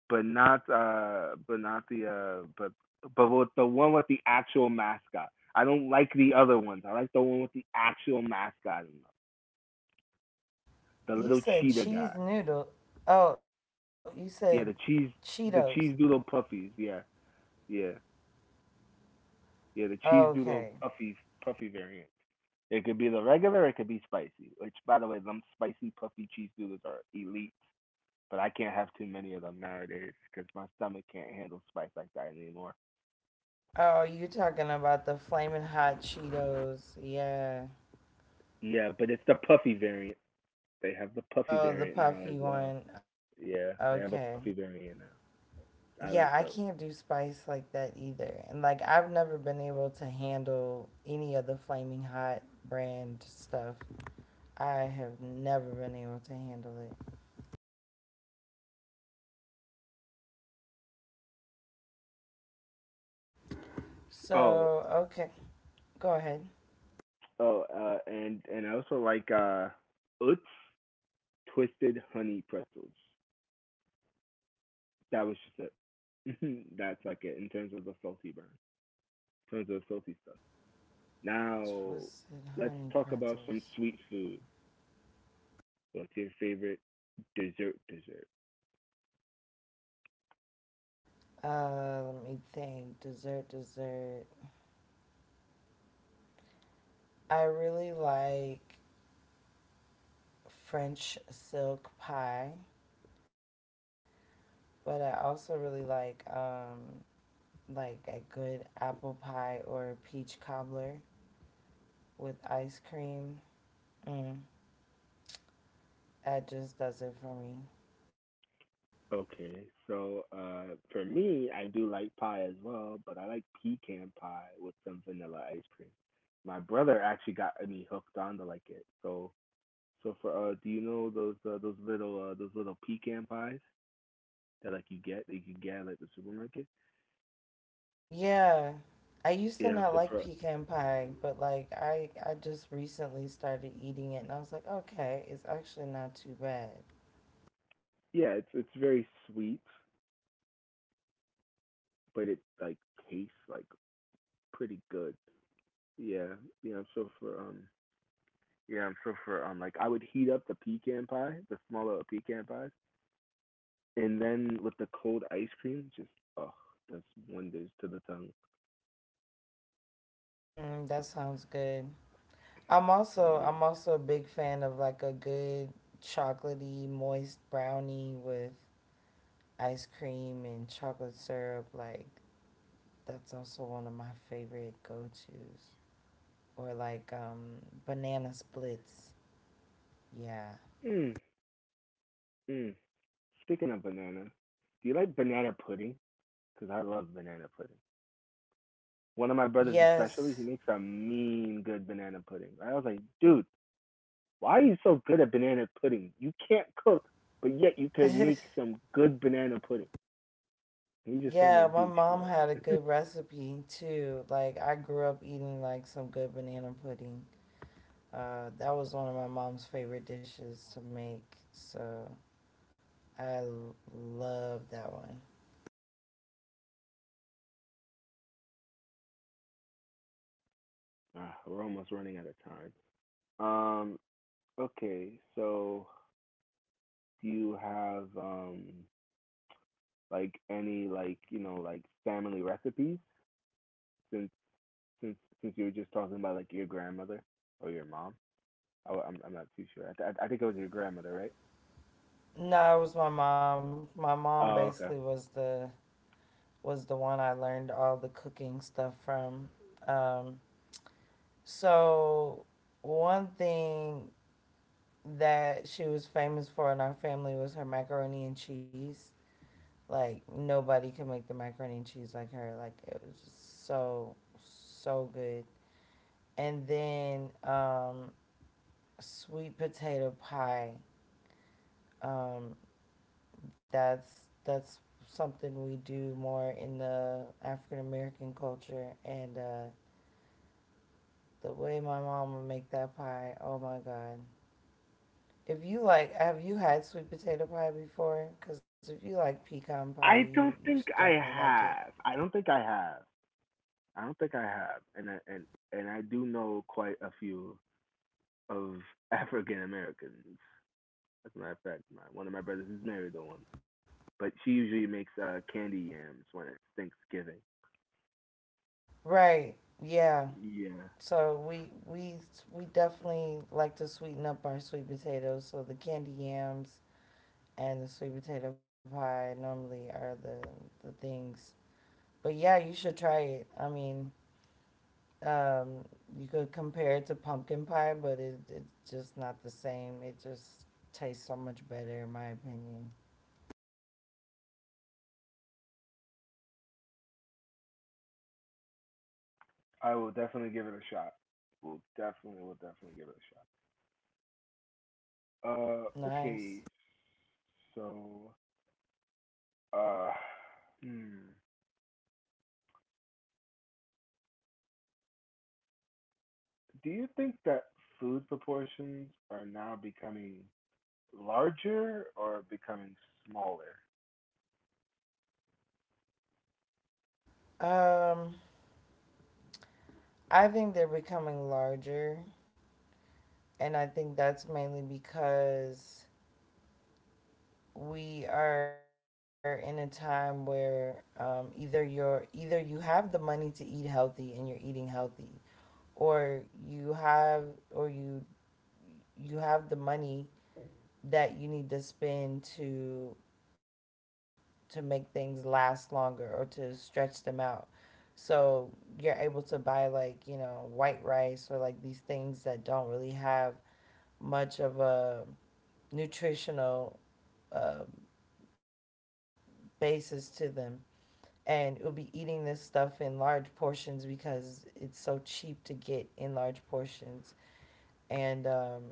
but not the but with the one with the actual mascot. I don't like the other ones. I like the one with the actual mascot, in them. The
You
little
said
cheetah
cheese
guy.
noodle. Oh, you said
Yeah,
Cheetos.
the cheese doodle puffies. Yeah, yeah, yeah. The cheese doodle
Okay.
puffies puffy variant. It could be the regular, it could be spicy. Which, by the way, them spicy puffy cheese doodles are elite. But I can't have too many of them nowadays because my stomach can't handle spice like that anymore.
Oh, you talking about the flaming hot Cheetos. Yeah.
Yeah, but it's the puffy variant. They have the puffy
Oh, the
variant now as
puffy
well.
one. Okay.
Yeah, they have a puffy variant now. I like
Yeah, I
those.
can't do spice like that either. And like I've never been able to handle any of the flaming hot brand stuff. I have never been able to handle it.
Oh,
So, okay. Go ahead.
oh, and I also like Utz twisted honey pretzels. That was just it. That's like it in terms of the salty burn. In terms of the salty stuff. Now,
Twisted
let's
honey
talk about some
pretzels.
sweet food. What's your favorite dessert?
Let me think. Dessert, dessert. I really like French silk pie, but I also really like a good apple pie or peach cobbler with ice cream. Mm, that just does it for me.
Okay, so for me, I do like pie as well, but I like pecan pie with some vanilla ice cream. My brother actually got me hooked on to like it. So, so for do you know those those little pecan pies that like you get that you can get at like the supermarket?
Yeah. I used to
Yeah.
not
So
like
for
pecan pie, but like I just recently started eating it and I was like, okay, it's actually not too bad.
yeah, it's very sweet, but it like tastes like pretty good. Yeah, yeah, I'm so for um yeah, I'm so for like I would heat up the pecan pie, the smaller pecan pies, and then with the cold ice cream, just oh, that's wonders to the tongue.
Mm, that sounds good. I'm also
Yeah.
I'm also a big fan of like a good chocolatey moist brownie with ice cream and chocolate syrup. Like that's also one of my favorite go-tos. Or like banana splits. Yeah.
Mm, mm. Speaking of banana, do you like banana pudding? Because I love banana pudding. One of my brothers, especially, he
Yes.
makes a mean good banana pudding. I was like, dude, why are you so good at banana pudding? You can't cook, but yet you could make some good banana pudding. He just told
Yeah,
me,
my
dude,
mom
chill
had a
out.
good recipe too. Like I grew up eating like some good banana pudding. That was one of my mom's favorite dishes to make. So I love that one.
Ah, we're almost running out of time. Um, okay, so do you have like any like you know like family recipes since since since you were just talking about like your grandmother or your mom? I'm not too sure. I think it was your grandmother, right?
No, it was my mom. My mom
Oh,
basically
okay.
was the one I learned all the cooking stuff from. Um, so one thing that she was famous for in our family was her macaroni and cheese. Like nobody can make the macaroni and cheese like her. Like it was just so good. And then sweet potato pie. Um, that's something we do more in the African American culture. And the way my mom would make that pie, oh my god! If you like, have you had sweet potato pie before? Because if you like pecan pie,
I
you
don't
should
think I
definitely like it.
have. I don't think I have. I don't think I have. And I do know quite a few of African Americans. As a matter of fact, one of my brothers is married to one. But she usually makes candy yams when it's Thanksgiving.
Right? Yeah.
Yeah,
So we definitely like to sweeten up our sweet potatoes. So the candy yams and the sweet potato pie normally are the things. But yeah, you should try it. I mean, um, you could compare it to pumpkin pie, but it's just not the same. It just tastes so much better, in my opinion.
I will definitely give it a shot. Will definitely give it a shot. Okay.
Nice.
So, uh, hmm. do you think that food proportions are now becoming larger or becoming smaller?
Um, I think they're becoming larger, and I think that's mainly because we are in a time where either you have the money to eat healthy and you're eating healthy, or or you you have the money that you need to spend to make things last longer or to stretch them out. So you're able to buy like you know white rice or like these things that don't really have much of a nutritional uh, basis to them and we'll be eating this stuff in large portions because it's so cheap to get in large portions and um,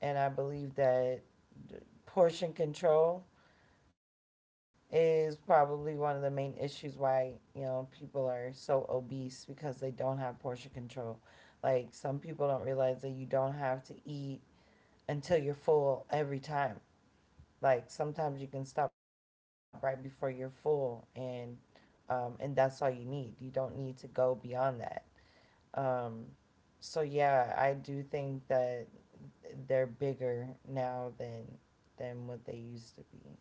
and I believe that portion control is probably one of the main issues why you know people are so obese because they don't have portion control. Like some people don't realize that you don't have to eat until you're full every time. Like sometimes you can stop right before you're full, and that's all you need. You don't need to go beyond that. Um, so yeah, I do think that they're bigger now than what they used to be.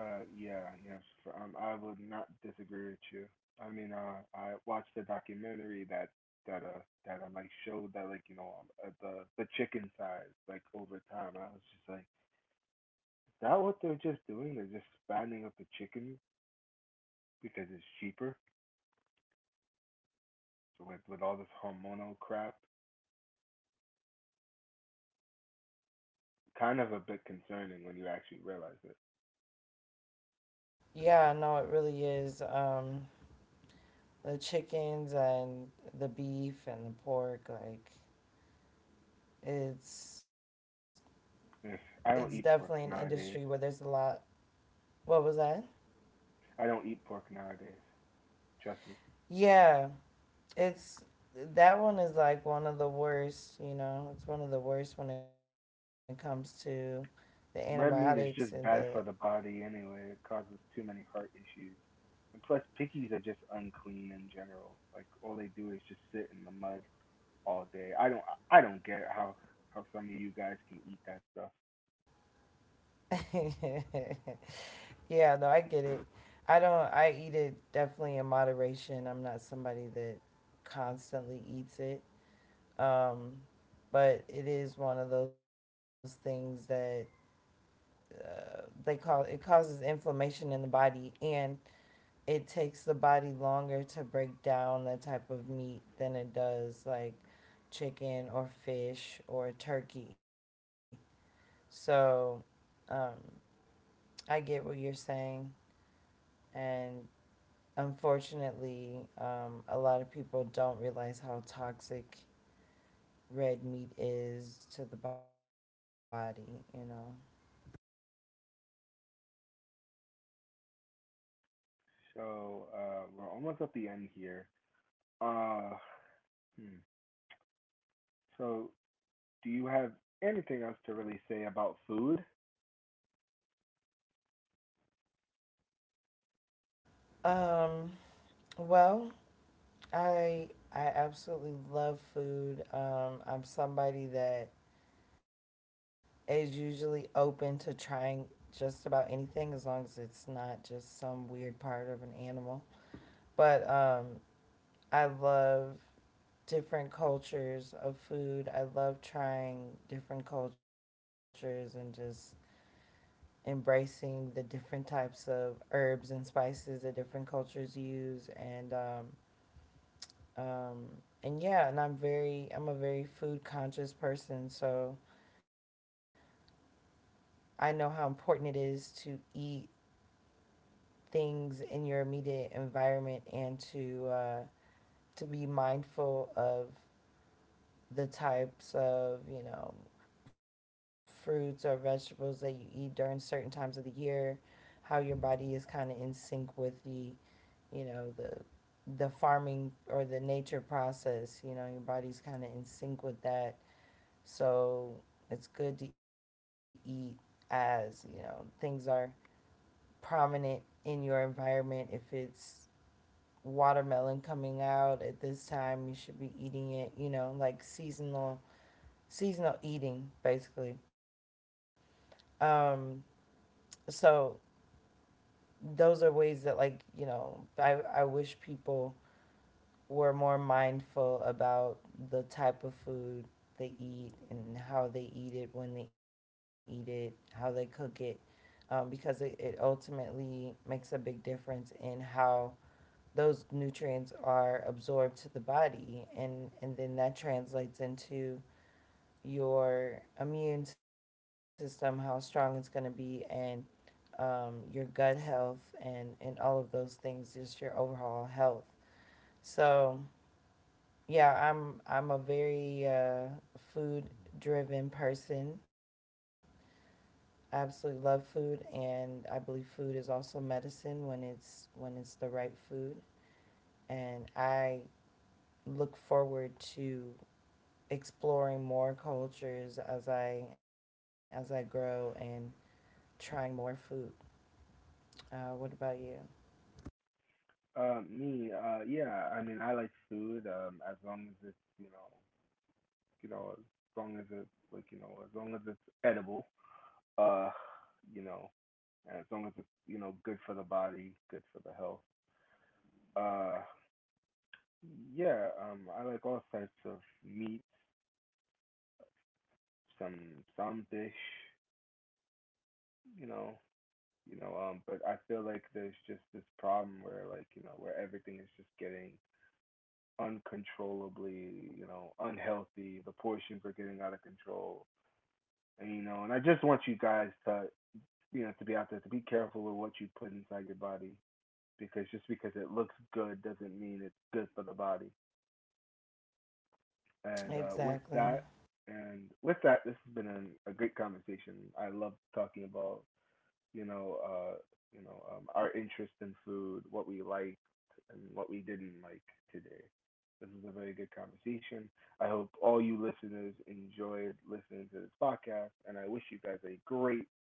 Yeah, yes. I would not disagree with you. I mean, I watched a documentary that that that like showed that like you know the chicken size like over time. I was just like, is that what they're just doing? They're just expanding up the chicken because it's cheaper with all this hormonal crap. Kind of a bit concerning when you actually realize it.
Yeah, no, it really is. The chickens and the beef and the pork, like it's it's
Yes,
definitely an
I don't eat
industry
pork
where there's a
nowadays.
lot. What was that?
I don't eat pork nowadays. Trust me.
Yeah, it's that one is like one of the worst. You know, it's one of the worst when it comes to the antibiotics
Red
and
meat is
the.
just bad for the body anyway. It causes too many heart issues. And plus, pickies are just unclean in general. Like all they do is just sit in the mud all day. I don't get how some of you guys can eat that stuff.
yeah, no, I get it. I don't. I eat it definitely in moderation. I'm not somebody that constantly eats it. Um, but it is one of those things that they call it causes inflammation in the body, and it takes the body longer to break down that type of meat than it does like chicken or fish or turkey. So um, I get what you're saying, and unfortunately, a lot of people don't realize how toxic red meat is to the body. You know.
So we're almost at the end here. Uh, hmm. So do you have anything else to really say about food?
Um, well, I absolutely love food. I'm somebody that is usually open to trying just about anything as long as it's not just some weird part of an animal. But I love different cultures of food. I love trying different cultures and just embracing the different types of herbs and spices that different cultures use um, and yeah, and I'm a very food conscious person. So I know how important it is to eat things in your immediate environment, and to be mindful of the types of you know fruits or vegetables that you eat during certain times of the year, how your body is kind of in sync with the you know the farming or the nature process. You know, your body's kind of in sync with that, so it's good to eat as you know things are prominent in your environment. If it's watermelon coming out at this time, you should be eating it, you know, like seasonal eating basically. Um so those are ways that like, you know, I wish people were more mindful about the type of food they eat and how they eat it, when they eat it, how they cook it, because it ultimately makes a big difference in how those nutrients are absorbed to the body, and then that translates into your immune system, how strong it's going to be, and your gut health and all of those things, just your overall health. So yeah, I'm a very food driven person. I absolutely love food, and I believe food is also medicine when it's the right food. And I look forward to exploring more cultures as I grow and trying more food. What about you?
Me, yeah. I mean, I like food. As long as it's you know, as long as it's like, you know, as long as it's edible, uh, you know, and as long as it's, you know, good for the body, good for the health. Uh, yeah, I like all types of meat, some some dish, you know, you know, but I feel like there's just this problem where like, you know, where everything is just getting uncontrollably, you know, unhealthy. The portions are getting out of control. And you know, and I just want you guys to, you know, to be out there, to be careful with what you put inside your body because just because it looks good doesn't mean it's good for the body. And uh, with
Exactly.
that, and with that, this has been an, a great conversation. I love talking about, you know, uh, you know, our interest in food, what we liked and what we didn't like today. This was a very good conversation. I hope all you listeners enjoyed listening to this podcast, and I wish you guys a great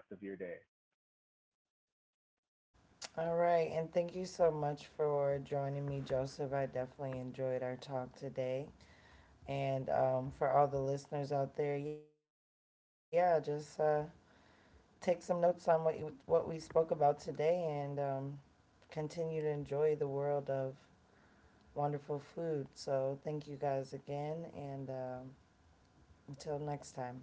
rest of your day.
All right, and thank you so much for joining me, Joseph. I definitely enjoyed our talk today. And for all the listeners out there, yeah, just take some notes on what we spoke about today, and continue to enjoy the world of wonderful food. So thank you guys again, and until next time.